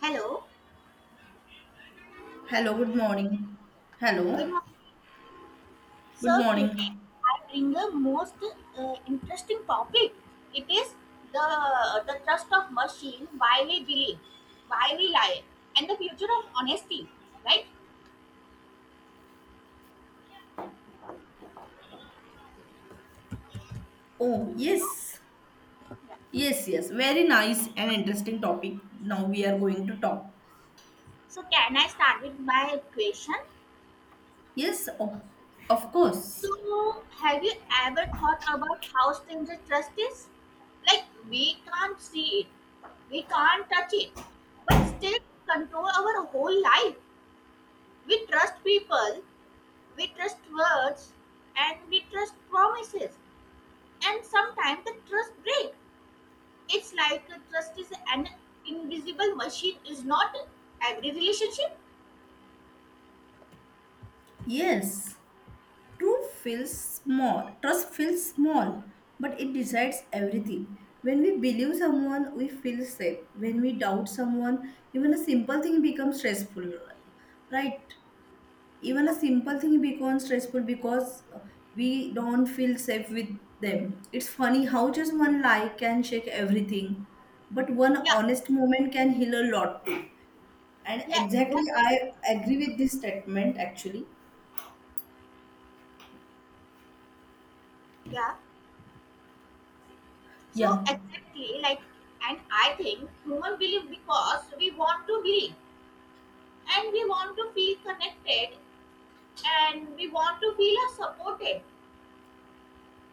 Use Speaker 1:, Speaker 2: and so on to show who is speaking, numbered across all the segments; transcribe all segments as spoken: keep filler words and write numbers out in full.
Speaker 1: Hello,
Speaker 2: Hello, good morning.
Speaker 1: good
Speaker 2: Hello,
Speaker 1: morning.
Speaker 2: good
Speaker 1: So today
Speaker 2: morning.
Speaker 1: I bring the most uh, interesting topic. It is the the trust of machine, why we believe, why we lie, and the future of honesty. Right?
Speaker 2: Oh,
Speaker 1: Hello.
Speaker 2: yes,
Speaker 1: Yeah.
Speaker 2: yes, yes. Very nice and interesting topic. Now we are going to talk.
Speaker 1: So can I start with my question?
Speaker 2: Yes, of, of course.
Speaker 1: So have you ever thought about how strange the trust is? Like we can't see it, we can't touch it, but still control our whole life. We trust people. We trust words, and we trust promises, and sometimes the trust breaks. It's like a trust is an invisible machine, is not every relationship.
Speaker 2: Yes, truth feels small. Trust feels small, but it decides everything. When we believe someone, we feel safe. When we doubt someone, even a simple thing becomes stressful, right? Even a
Speaker 1: Yeah,
Speaker 2: simple thing becomes stressful because uh, we don't feel safe with them. It's funny how just one lie can shake everything, but one
Speaker 1: yeah,
Speaker 2: honest moment can heal a lot. And
Speaker 1: yeah,
Speaker 2: exactly, I
Speaker 1: exactly.
Speaker 2: agree with this statement actually,
Speaker 1: Yeah, so
Speaker 2: yeah.
Speaker 1: exactly like, and I think human believe because we want to believe, and we want to feel connected, and we want to feel uh, supported,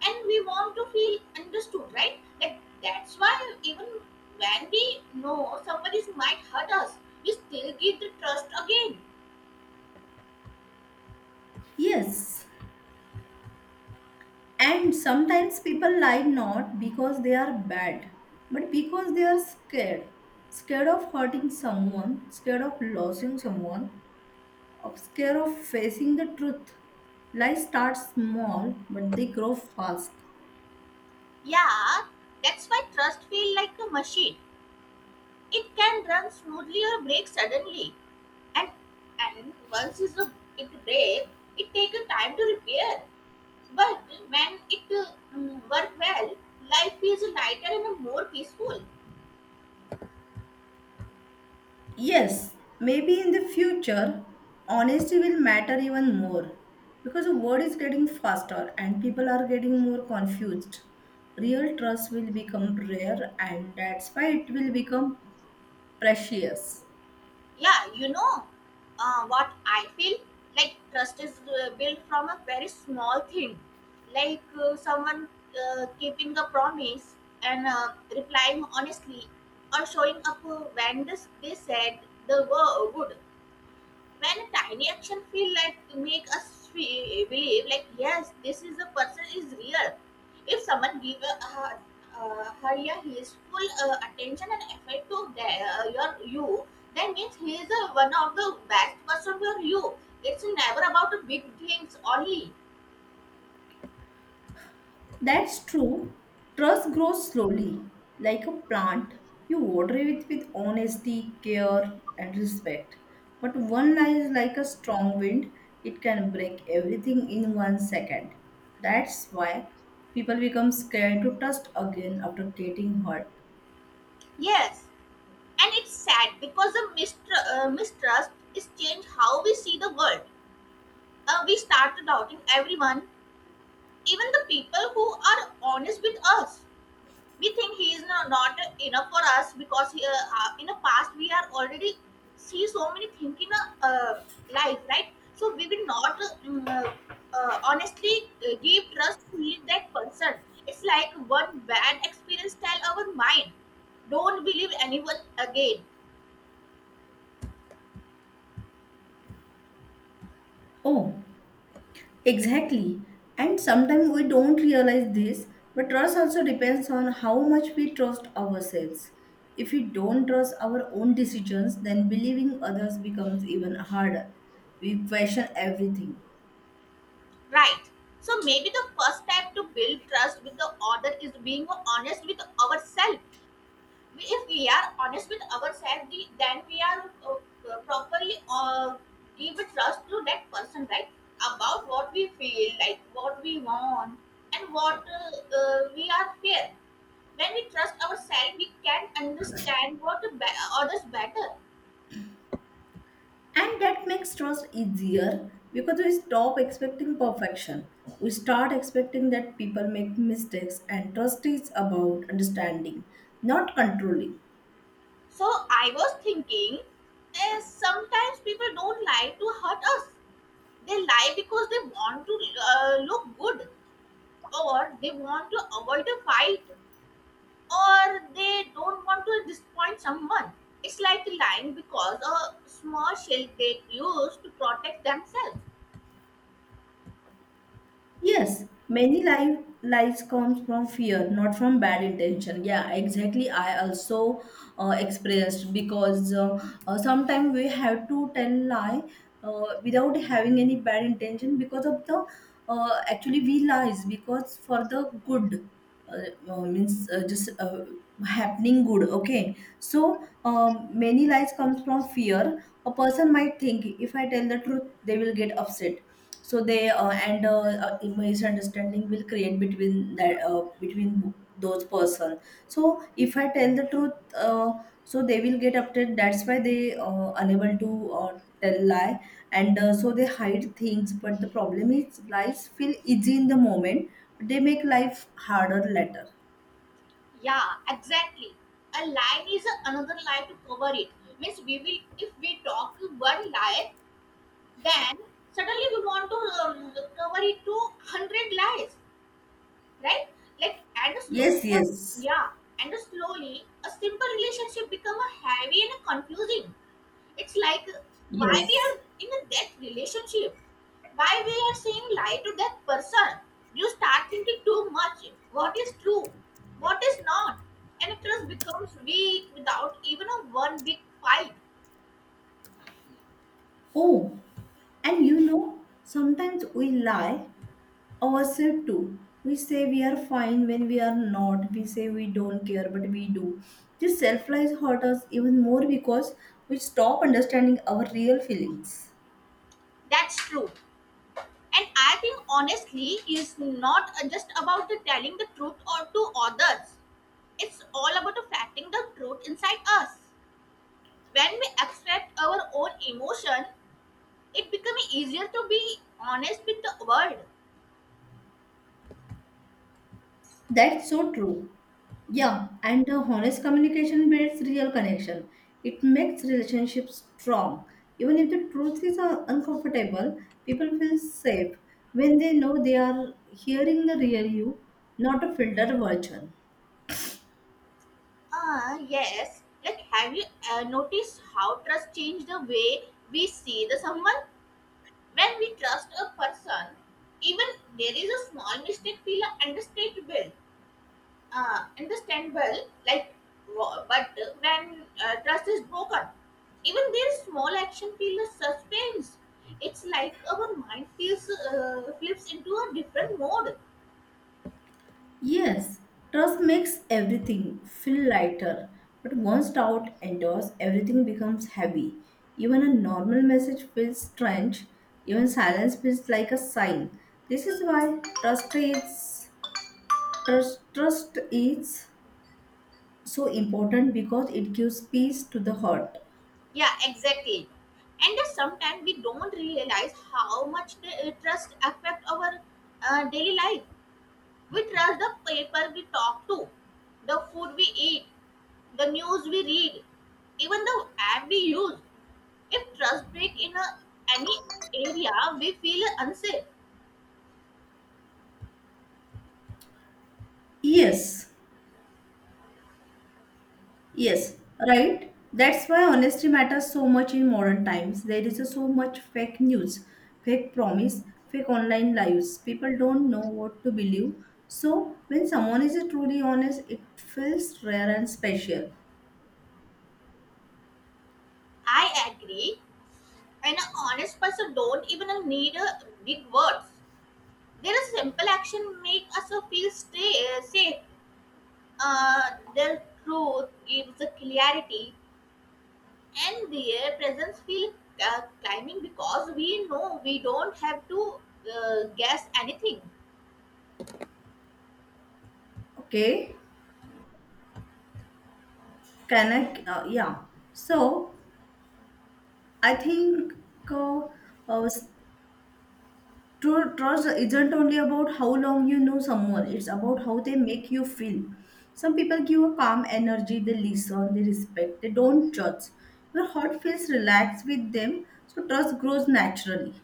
Speaker 1: and we want to feel understood, right? Like that's why even when we know somebody might hurt us, we still give the trust again.
Speaker 2: Yes, and sometimes people lie not because they are bad, but because they are scared. Scared of hurting someone, scared of losing someone, of scare of facing the truth. Lies start small, but they grow fast.
Speaker 1: Yeah, that's why trust feel like a machine. It can run smoothly or break suddenly, and and once it's a, it breaks, it takes a time to repair. But when it uh, mm, work well, life feels lighter and more peaceful.
Speaker 2: Yes, maybe in the future, honesty will matter even more because the world is getting faster and people are getting more confused. Real trust will become rare, and that's why it will become precious.
Speaker 1: Yeah, you know, uh, what I feel, like trust is uh, built from a very small thing, like uh, someone uh, keeping a promise, and uh, replying honestly, or showing up uh, when this, they said the word would, when a tiny action feel like make us feel, believe, like yes, this is a person is real. If someone give a, uh, uh, her, yeah, his full uh, attention and effort to their, uh, your you, that means he is uh, one of the best person for you. It's never about the big things only.
Speaker 2: That's true. Trust grows slowly, like a plant. You water it with honesty, care, and respect. But one lie is like a strong wind, it can break everything in one second. That's why people become scared to trust again after getting hurt.
Speaker 1: Yes, and it's sad because the mistr- uh, mistrust is change how we see the world. Uh, we start doubting everyone, even the people who are honest with us. We think he is not, not enough for us because he, uh, uh, in the past we are already see so many things in a uh, life, right? So we will not uh, mm, uh, uh, honestly uh, give trust fully that person. It's like one bad experience tell our mind, don't believe anyone again.
Speaker 2: Oh, exactly. And sometimes we don't realize this, but trust also depends on how much we trust ourselves. If we don't trust our own decisions, then believing others becomes even harder. We question everything.
Speaker 1: Right, so maybe the first step to build trust with the other is being honest with ourselves. If we are honest with ourselves, then we are uh, uh, properly uh, give trust to that person, right? About what we feel, like what we want, and what uh, uh, we are fear. When we trust ourselves, we can understand what be- others better.
Speaker 2: And that makes trust easier because we stop expecting perfection. We start expecting that people make mistakes, and trust is about understanding, not controlling.
Speaker 1: So I was thinking, uh, sometimes people don't lie to hurt us. They lie because they want to uh, look good, or they want to avoid a fight, or they don't want to disappoint someone. It's like lying because a small shield they use to protect themselves.
Speaker 2: Yes, many life lies comes from fear, not from bad intention. Yeah, exactly. I also uh, expressed because uh, uh, sometimes we have to tell lie uh, without having any bad intention because of the uh, actually we lies because for the good uh, uh, means uh, just uh, happening good. Okay, so um, many lies comes from fear. A person might think if I tell the truth, they will get upset so they uh, and uh, uh, misunderstanding will create between that uh, between bo- those person. So if I tell the truth, uh, so they will get upset, that's why they uh, unable to uh, tell lie. And uh, so they hide things, but the problem is lies feel easy in the moment, but they make life harder later.
Speaker 1: Yeah, exactly. A lie is another lie to cover it. Means we will, if we talk one lie, then suddenly we want to uh, cover it to hundred lies. Right? Like and slowly,
Speaker 2: Yes, yes,
Speaker 1: yeah, and slowly, a simple relationship become a heavy and a confusing. It's like uh, why we are
Speaker 2: yes.
Speaker 1: in a that relationship, why we are saying lie to that person. You start thinking too much. What is true, what is not, and trust becomes weak without even a one big fight.
Speaker 2: Oh, and you know sometimes we lie ourselves too. We say we are fine when we are not. We say we don't care, but we do. This self lies hurt us even more because we stop understanding our real feelings.
Speaker 1: That's true. And I think honestly is not uh, just about the telling the truth or to others. It's all about reflecting the truth inside us. When we abstract our own emotion, it becomes easier to be honest with the world.
Speaker 2: That's so true. Yeah, and the honest communication builds real connection. It makes relationships strong. Even if the truth is uh, uncomfortable, people feel safe when they know they are hearing the real you, not a filtered version.
Speaker 1: Ah, yes. Like, have you uh, noticed how trust changed the way we see the someone? When we trust a person, even there is a small mistake feel understandable. uh, understandable, like, wa- but uh, when uh, trust is broken, even their small action feels suspense. It's like our mind feels uh, flips into a different mode.
Speaker 2: Yes, trust makes everything feel lighter, but once doubt enters, everything becomes heavy. Even a normal message feels strange, even silence feels like a sign. This is why trust is trust, trust is so important because it gives peace to the heart.
Speaker 1: Yeah, exactly. And that sometimes we don't realize how much the, uh, trust affect our uh, daily life. We trust the people we talk to, the food we eat, the news we read, even the app we use. If trust break in a, any area, we feel unsafe.
Speaker 2: Yes. Yes, right. That's why honesty matters so much in modern times. There is a so much fake news, fake promise, fake online lives. People don't know what to believe. So when someone is truly honest, it feels rare and special.
Speaker 1: I agree. An honest person don't even need a big words. Their simple action make us feel stay, safe. Uh, their truth gives a clarity, and their presence feel uh, climbing because we know we don't have to uh, guess anything.
Speaker 2: Okay, can I? Uh, yeah. So I think uh, uh, s- true trust isn't only about how long you know someone, it's about how they make you feel. Some people give a calm energy, they listen, they respect, they don't judge. Your heart feels relaxed with them, so trust grows naturally.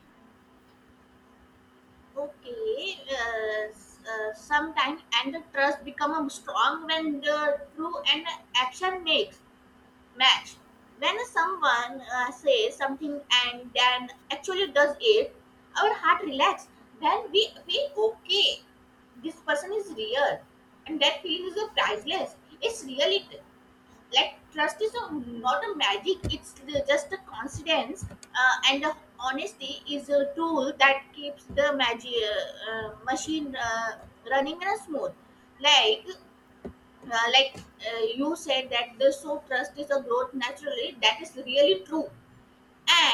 Speaker 1: Okay, uh, s- uh, sometime and the trust become um, strong when the true and action makes match. When someone uh, says something and then actually does it, our heart relax. Then we feel okay. This person is real, and that feeling is priceless. It's real, like trust is a, not a magic, it's the, just a confidence, uh, and the honesty is a tool that keeps the magic uh, uh, machine uh, running in a smooth, like uh, like uh, you said that the so trust is a growth naturally, that is really true.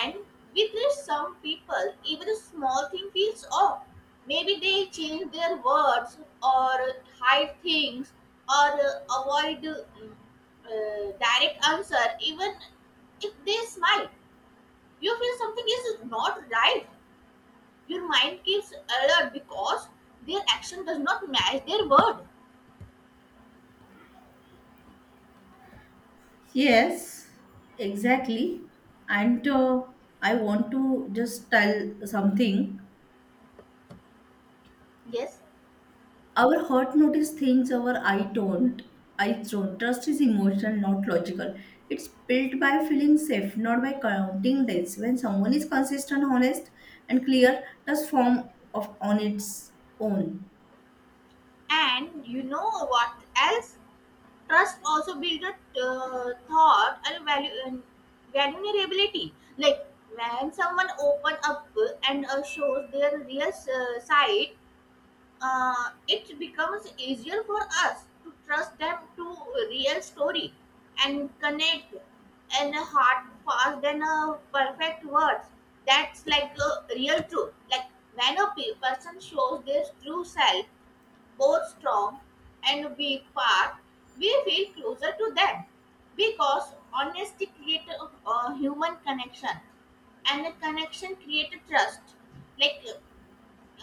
Speaker 1: And with this, some people, even a small thing feels off. Maybe they change their words or hide things or uh, avoid uh, uh, direct answer, even if they smile. You feel something is not right. Your mind keeps alert because their action does not match their word.
Speaker 2: Yes, exactly. And uh, I want to just tell something.
Speaker 1: Yes.
Speaker 2: Our heart notices things our eye don't. Eyes don't. Trust is emotional, not logical. It's built by feeling safe, not by counting days. When someone is consistent, honest, and clear, trust form of on its own.
Speaker 1: And you know what else? Trust also build a uh, thought and value and vulnerability, like when someone open up and uh, shows their real uh, side. Uh, it becomes easier for us to trust them to real story and connect and heart fast than a perfect words. That's like a real truth, like when a pe- person shows their true self, both strong and weak part, we feel closer to them because honesty creates a, a human connection, and the connection creates trust. Like,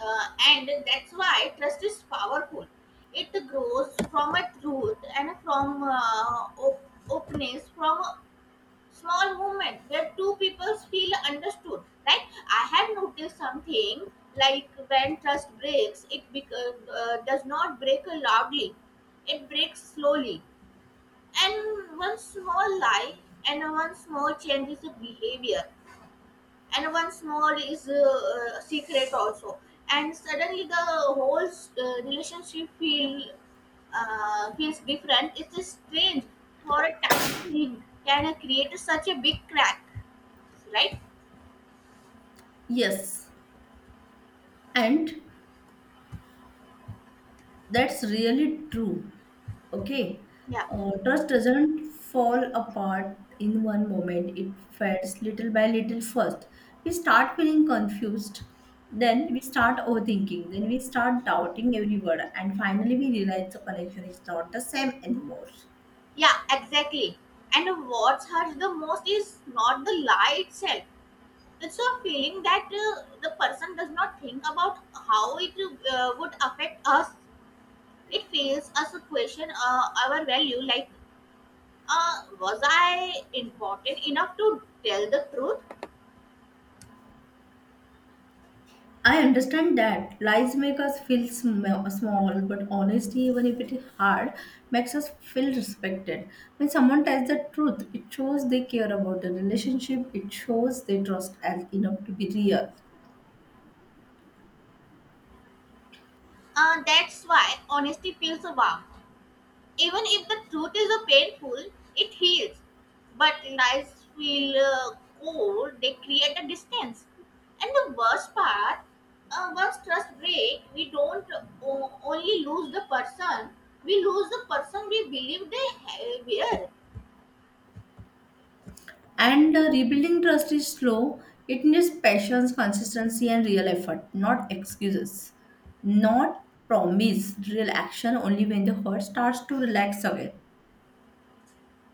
Speaker 1: uh, and that's why trust is powerful. It grows from a truth and from uh, op- openness, from small movement where two people feel understood. Right, I have noticed something, like when trust breaks it bec- uh, uh, does not break loudly. It breaks slowly, and one small lie and one small change is a behavior and one small is a, uh, secret also, and suddenly the whole uh, relationship feel, uh, feels different. It is strange for a tiny thing can create such a big crack, right?
Speaker 2: Yes, and that's really true. Okay.
Speaker 1: Yeah.
Speaker 2: Uh, trust doesn't fall apart in one moment, it fades little by little first. We start feeling confused, then we start overthinking, then we start doubting every word, and finally we realize the connection is not the same anymore.
Speaker 1: Yeah, exactly. And what hurts the most is not the lie itself. It's a feeling that uh, the person does not think about how it uh, would affect us. It fails us to question uh, our value, like, uh, was I important enough to tell the truth?
Speaker 2: I understand that lies make us feel sm- small, but honesty, even if it is hard, makes us feel respected. When someone tells the truth, it shows they care about the relationship, it shows they trust as enough to be real.
Speaker 1: Uh, that's why honesty feels warm. Even if the truth is a painful, it heals. But lies feel uh, cold, they create a distance. And the worst part, uh, once trust breaks, we don't o- only lose the person, we lose the person we believe they ha- were.
Speaker 2: And uh, rebuilding trust is slow, it needs patience, consistency, and real effort, not excuses, not promise, real action only when the heart starts to relax again.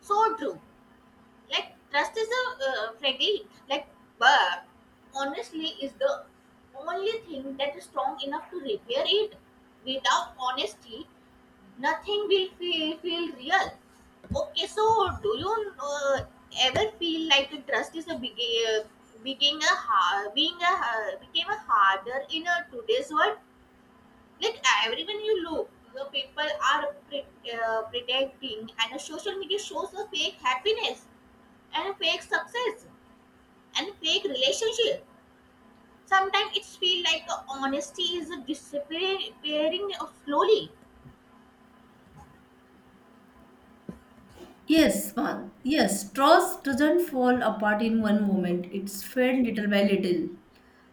Speaker 1: So true. Like trust is a uh, fragile, like, but honestly is the only thing that is strong enough to repair it. Without honesty, nothing will feel, feel real. Okay, so do you uh, ever feel like trust is a big, uh, being a hard, being a ha- became a harder in a today's world? Like everyone you look, the people are pre- uh, predicting, and social media shows a fake happiness and fake success and fake relationship. Sometimes it feels like uh, honesty is disappearing slowly.
Speaker 2: Yes, one. Yes, trust doesn't fall apart in one moment. It's fed little by little.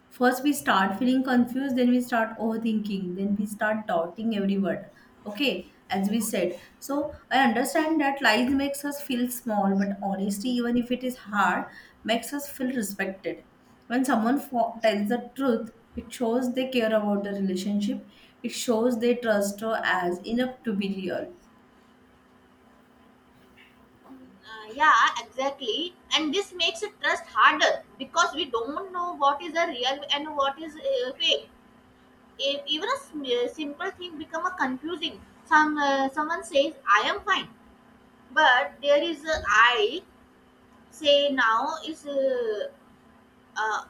Speaker 2: First, we start feeling confused, then we start overthinking, then we start doubting every word. Okay, as we said. So, I understand that lies makes us feel small, but honesty, even if it is hard, makes us feel respected. When someone fo- tells the truth, it shows they care about the relationship, it shows they trust her as enough to be real.
Speaker 1: Uh, yeah, exactly. And this makes it trust harder because we don't know what is a real and what is uh, fake. If even a sm- uh, simple thing become a confusing. Some uh, someone says I am fine, but there is a I say now is uh, uh,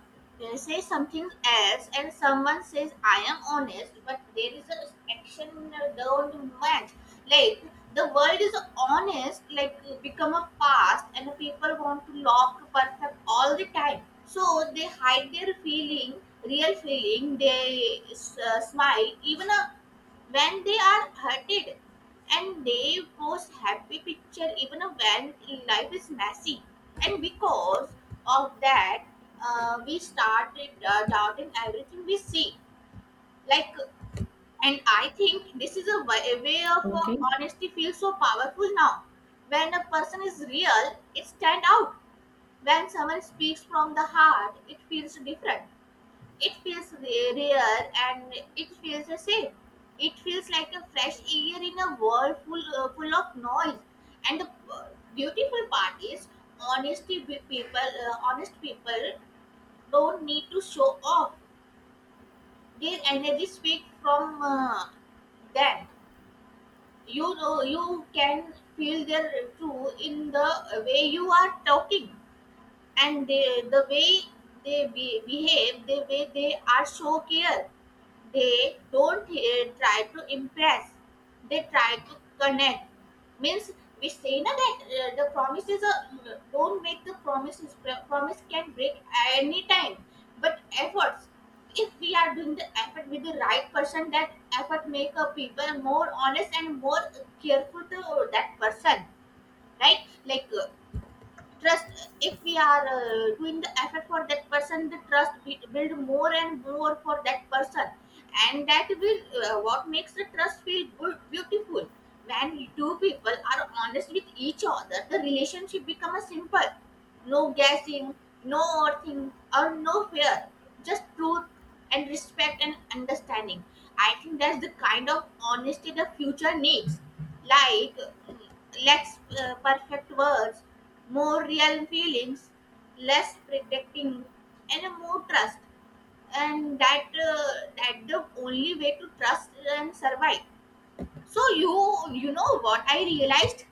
Speaker 1: uh, say something else, and someone says I am honest but there is an action that don't match, like the world is honest, like become a past, and people want to lock perfect all the time, so they hide their feeling, real feeling, they uh, smile even uh, when they are hurted, and they post happy picture even when life is messy. And because of that, uh, we started uh, doubting everything we see, like, and I think this is a wa- a way of uh,
Speaker 2: Okay,
Speaker 1: honesty feels so powerful now. When a person is real, it stand out. When someone speaks from the heart, it feels different. It feels rare, and it feels safe. It feels like a fresh air in a world full, uh, full of noise. And the uh, beautiful part is, honesty with people, uh, honest people don't need to show off. Their energy speaks from uh, them. You know, you can feel their true in the way you are talking. And they the way they be, behave, the way they are so care. They don't uh, try to impress, they try to connect. Means we say na that uh, the promise is a, don't make the promises. Pro- promise can break any time, but efforts, if we are doing the effort with the right person, that effort make a people more honest and more careful to that person, right? Like uh, trust, if we are uh, doing the effort for that person, the trust be- build more and more for that person. And that will uh, what makes the trust feel good, beautiful. When two people are honest with each other, the relationship becomes simple. No guessing, no overthink, or no fear. Just truth and respect and understanding. I think that's the kind of honesty the future needs. Like mm, less uh, perfect words, more real feelings, less predicting, and a more trust. And that uh, that the only way to trust and survive. So you you know what I realized,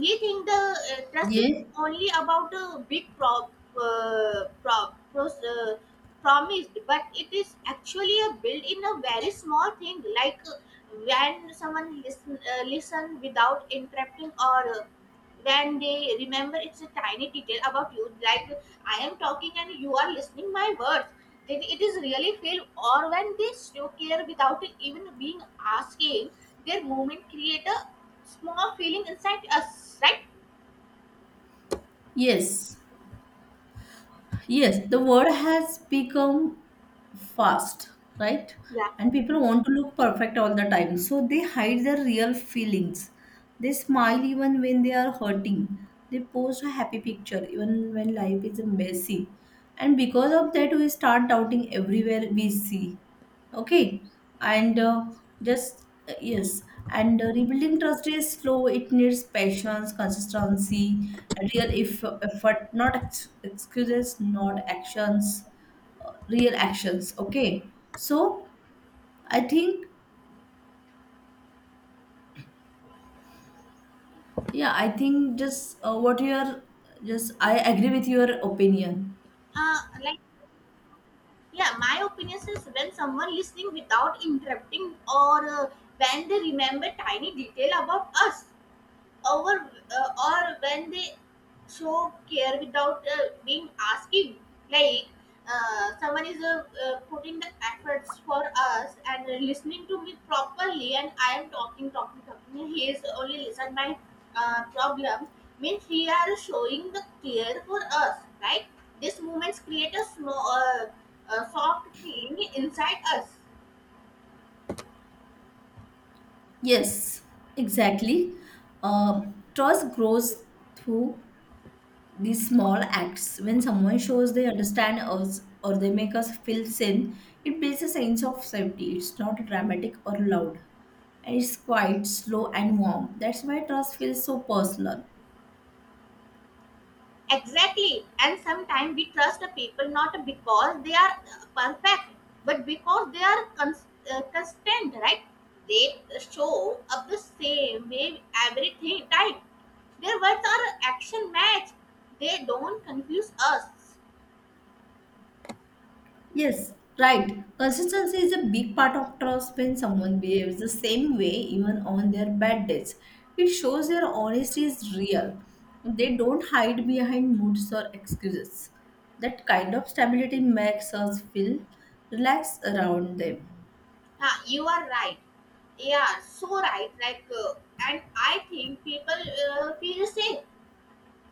Speaker 1: we think the uh, trust is
Speaker 2: yes.
Speaker 1: only about the big prop, uh, prop pros, uh, promised, but it is actually a built in a very small thing, like uh, when someone listen, uh, listen without interrupting, or uh, when they remember it's a tiny detail about you, like I am talking and you are listening my words, then it is really feel. Or when they show care without even being asking, their movement create a small feeling inside us, right?
Speaker 2: Yes, yes, the word has become fast, right?
Speaker 1: Yeah.
Speaker 2: And people want to look perfect all the time. So they hide their real feelings. They smile even when they are hurting. They post a happy picture even when life is messy. And because of that, we start doubting everywhere we see. Okay.
Speaker 1: Yeah.
Speaker 2: And uh, just, uh, yes. And uh, rebuilding trust is slow. It needs patience, consistency, and real if, effort, not ex- excuses, not actions, real actions. Okay, so I think, yeah, I think just uh, what you're just I agree with your opinion.
Speaker 1: Uh, like yeah, my opinion is when someone listening without interrupting or uh, when they remember tiny detail about us over uh, or when they show care without uh, being asking. Like uh, someone is uh, uh, putting the efforts for us and listening to me properly, and I am talking talking talking and he is only listen my uh, problem, means he are showing the care for us, right? These moments create a snow, uh, uh, soft feeling inside us.
Speaker 2: Yes, exactly. Um, trust grows through these small acts. When someone shows they understand us or they make us feel seen, it builds a sense of safety. It's not dramatic or loud, and it's quite slow and warm. That's why trust feels so personal.
Speaker 1: Exactly. And sometimes we trust the people not because they are uh, perfect, but because they are cons- uh, constant, right? They show up the same way everything time. Their words are action match. They don't confuse us.
Speaker 2: Yes, right. Consistency is a big part of trust when someone behaves the same way even on their bad days. It shows their honesty is real. They don't hide behind moods or excuses. That kind of stability makes us feel relaxed around them.
Speaker 1: Huh, you are right. Yeah, so right. Like, uh, and I think people uh, feel safe.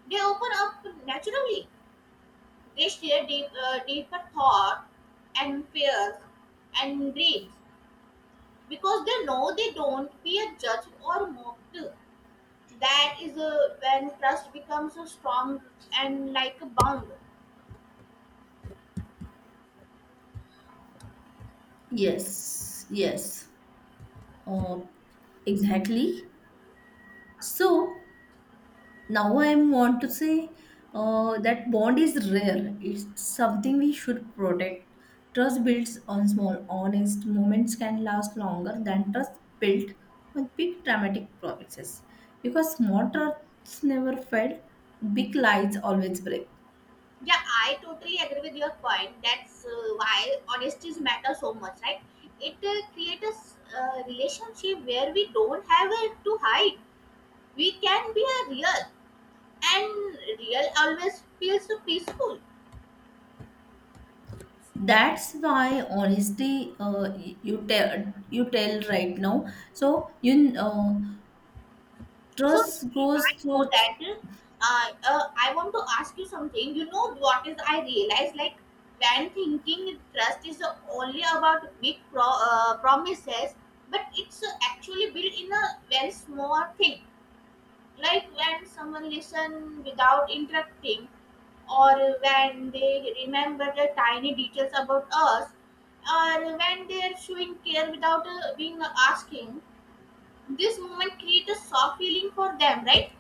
Speaker 1: They open up naturally. They share deep, uh, deeper thought and fears and dreams, because they know they don't fear judged or mocked. That is uh, when trust becomes uh, strong and like a bond.
Speaker 2: Yes, yes, uh, exactly. So, now I want to say uh, that bond is rare. It's something we should protect. Trust builds on small, honest moments can last longer than trust built on big dramatic promises. Because small trusts never fail, big lies always break.
Speaker 1: Yeah, I totally agree with your point. That's uh, why honesty matters so much, right? It uh, creates a uh, relationship where we don't have uh, to hide. We can be a real, and real always feels so peaceful.
Speaker 2: That's why honesty, uh, you tell, you tell right now. So you uh,
Speaker 1: So
Speaker 2: trust grows
Speaker 1: I know
Speaker 2: through
Speaker 1: that uh, uh, I want to ask you something. You know what is I realize, like when thinking trust is only about big pro- uh, promises, but it's actually built in a very small thing. Like when someone listen without interrupting, or when they remember the tiny details about us, or when they're showing care without uh, being asking. This moment creates a soft feeling for them, right?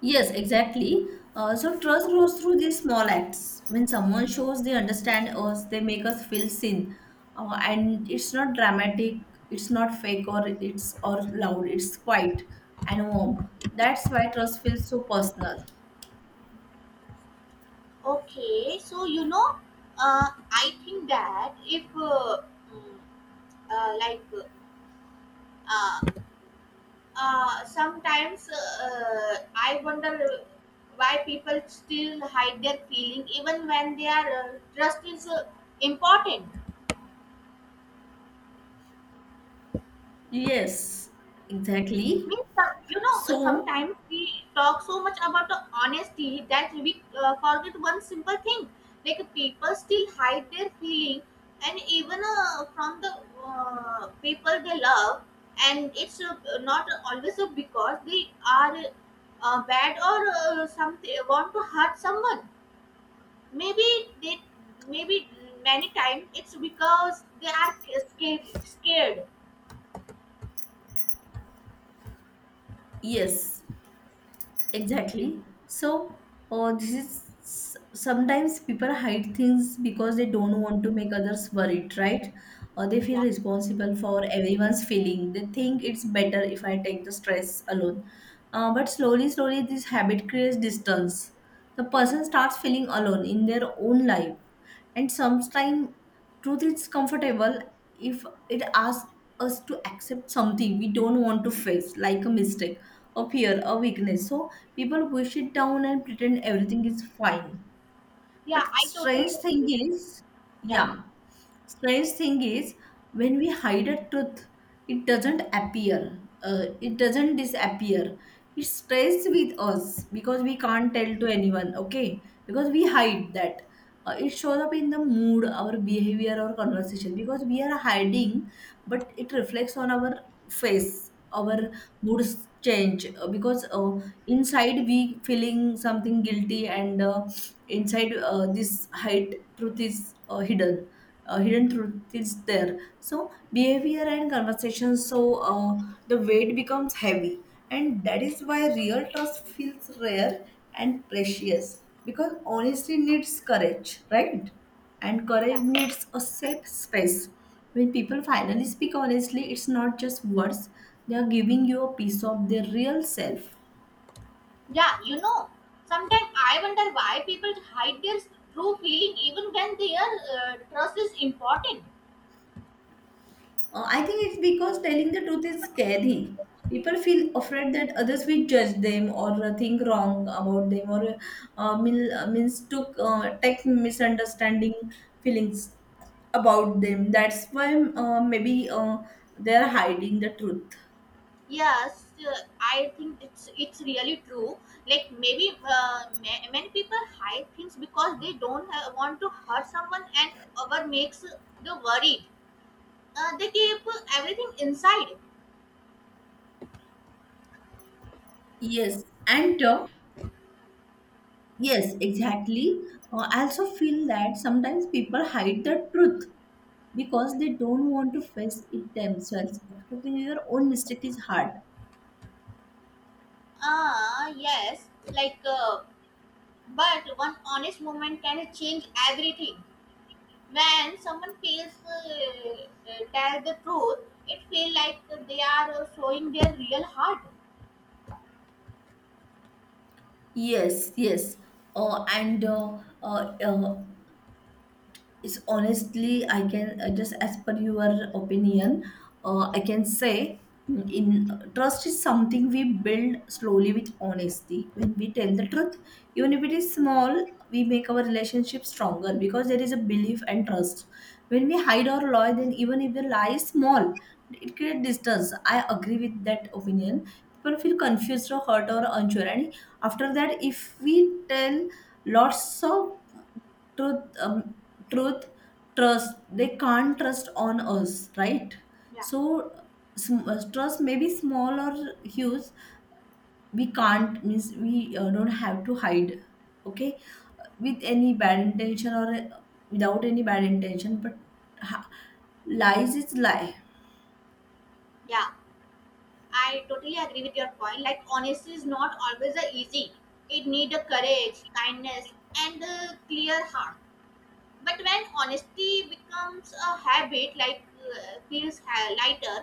Speaker 2: yes, exactly. Uh, so trust grows through these small acts. When someone shows they understand us, they make us feel seen, uh, and it's not dramatic, it's not fake, or it's or loud. It's quiet and warm. That's why trust feels so personal.
Speaker 1: Okay, so you know, uh, I think that if uh, mm, uh, like uh, uh, sometimes uh, uh, I wonder why people still hide their feeling even when their uh, trust is uh, important.
Speaker 2: Yes, exactly.
Speaker 1: Means some- you know uh,
Speaker 2: So
Speaker 1: sometimes we talk so much about the honesty that we uh, forget one simple thing, like people still hide their feeling, and even uh, from the uh, people they love, and it's uh, not always uh, because they are uh, bad or uh, something want to hurt someone. Maybe they, maybe many times it's because they are scared scared.
Speaker 2: yes, exactly. So, uh, this is s- sometimes people hide things because they don't want to make others worried, right? Or they feel
Speaker 1: Yeah.
Speaker 2: responsible for everyone's feeling. They think it's better if I take the stress alone. Uh, but slowly, slowly, this habit creates distance. The person starts feeling alone in their own life, and sometimes truth is comfortable if it asks us to accept something we don't want to face, like a mistake, a fear, a weakness. So people push it down and pretend everything is fine.
Speaker 1: Yeah,
Speaker 2: But
Speaker 1: I totally
Speaker 2: strange thing
Speaker 1: agree with you.
Speaker 2: is,
Speaker 1: Yeah.
Speaker 2: yeah, strange thing is when we hide a truth, it doesn't appear, uh, it doesn't disappear. It stays with us because we can't tell to anyone. Okay, because we hide that, uh, it shows up in the mood, our behavior, our conversation, because we are hiding, but it reflects on our face. Our moods change uh, because uh, inside we feeling something guilty, and uh, inside uh, this hide truth is uh, hidden. Uh, hidden truth is there, so behavior and conversation. So uh, the weight becomes heavy, and that is why real trust feels rare and precious because honesty needs courage, right? And courage
Speaker 1: Yeah,
Speaker 2: needs a safe space. When people finally speak honestly, it's not just words, they are giving you a piece of their real self.
Speaker 1: yeah, you know, sometimes I wonder why people hide their true feeling even when their uh, trust is important.
Speaker 2: Uh, I think it's because telling the truth is scary. People feel afraid that others will judge them or uh, think wrong about them or uh, mil- uh, mistook, uh, take misunderstanding feelings about them. That's why uh, maybe uh, they're hiding the truth.
Speaker 1: Yes, uh, I think it's it's really true. Like maybe uh, ma- many people hide things because they don't uh, want to hurt someone, and over makes the worried. Uh, they keep everything inside.
Speaker 2: Yes, and uh, yes, exactly. Uh, I also feel that sometimes people hide the truth because they don't want to face it themselves. Expecting your own mistake is hard.
Speaker 1: Ah, yes, like uh, but one honest moment can change everything. When someone feels uh, uh, tell the truth, it feel like they are uh, showing their real heart.
Speaker 2: Yes, yes. Uh, and uh, uh, uh, it's honestly I can uh, just as per your opinion, uh, I can say mm, in trust is something we build slowly with honesty. When we tell the truth, even if it is small, we make our relationship stronger because there is a belief and trust. When we hide our lie, then even if the lie is small, it creates distance. I agree with that opinion. People feel confused or hurt or unsure, and after that if we tell lots of truth, um, truth, trust, they can't trust on us, right?
Speaker 1: Yeah.
Speaker 2: So sm- uh, trust may be small or huge. We can't means we uh, don't have to hide, okay, with any bad intention or uh, without any bad intention, but ha- lies is lie.
Speaker 1: Yeah, I totally agree with your point. Like honesty is not always uh, easy, it need a courage, kindness, and a clear heart. But when honesty becomes a habit, like uh, feels ha- lighter,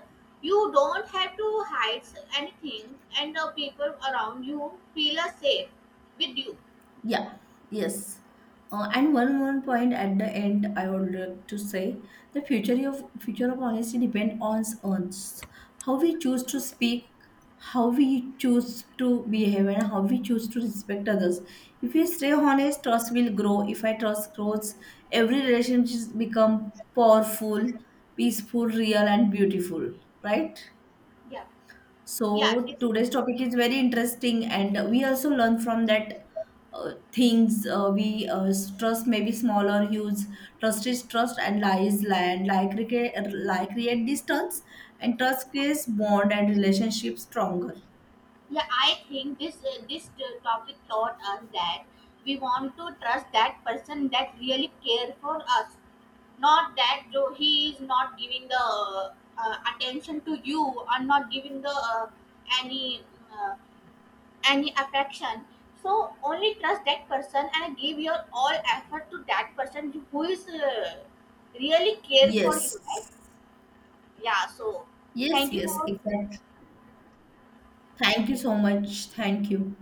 Speaker 1: you don't have to hide anything and the people around you feel uh, safe with you.
Speaker 2: Yeah, yes. Uh, and one more point at the end, I would like to say the future of future of honesty depends on us, how we choose to speak, how we choose to behave, and how we choose to respect others. If we stay honest, trust will grow. If I trust grows, every relationship become powerful, peaceful, real, and beautiful. Right?
Speaker 1: Yeah. Yeah,
Speaker 2: So
Speaker 1: this.
Speaker 2: today's topic is very interesting, and we also learn from that uh, things uh, we uh, trust may be small or huge. Trust is trust, and lie is lie, and lie create lie create distance, and trust creates bond and relationship stronger.
Speaker 1: Yeah, I think this uh, this uh, topic taught us that we want to trust that person that really care for us, not that though he is not giving the uh, uh, attention to you, or not giving the uh, any uh, any affection. So only trust that person and give your all effort to that person who is uh, really care for you, right?
Speaker 2: Yes,
Speaker 1: Yeah. So
Speaker 2: yes,
Speaker 1: thank you
Speaker 2: yes,
Speaker 1: all.
Speaker 2: exactly. Thank you so much. Thank you.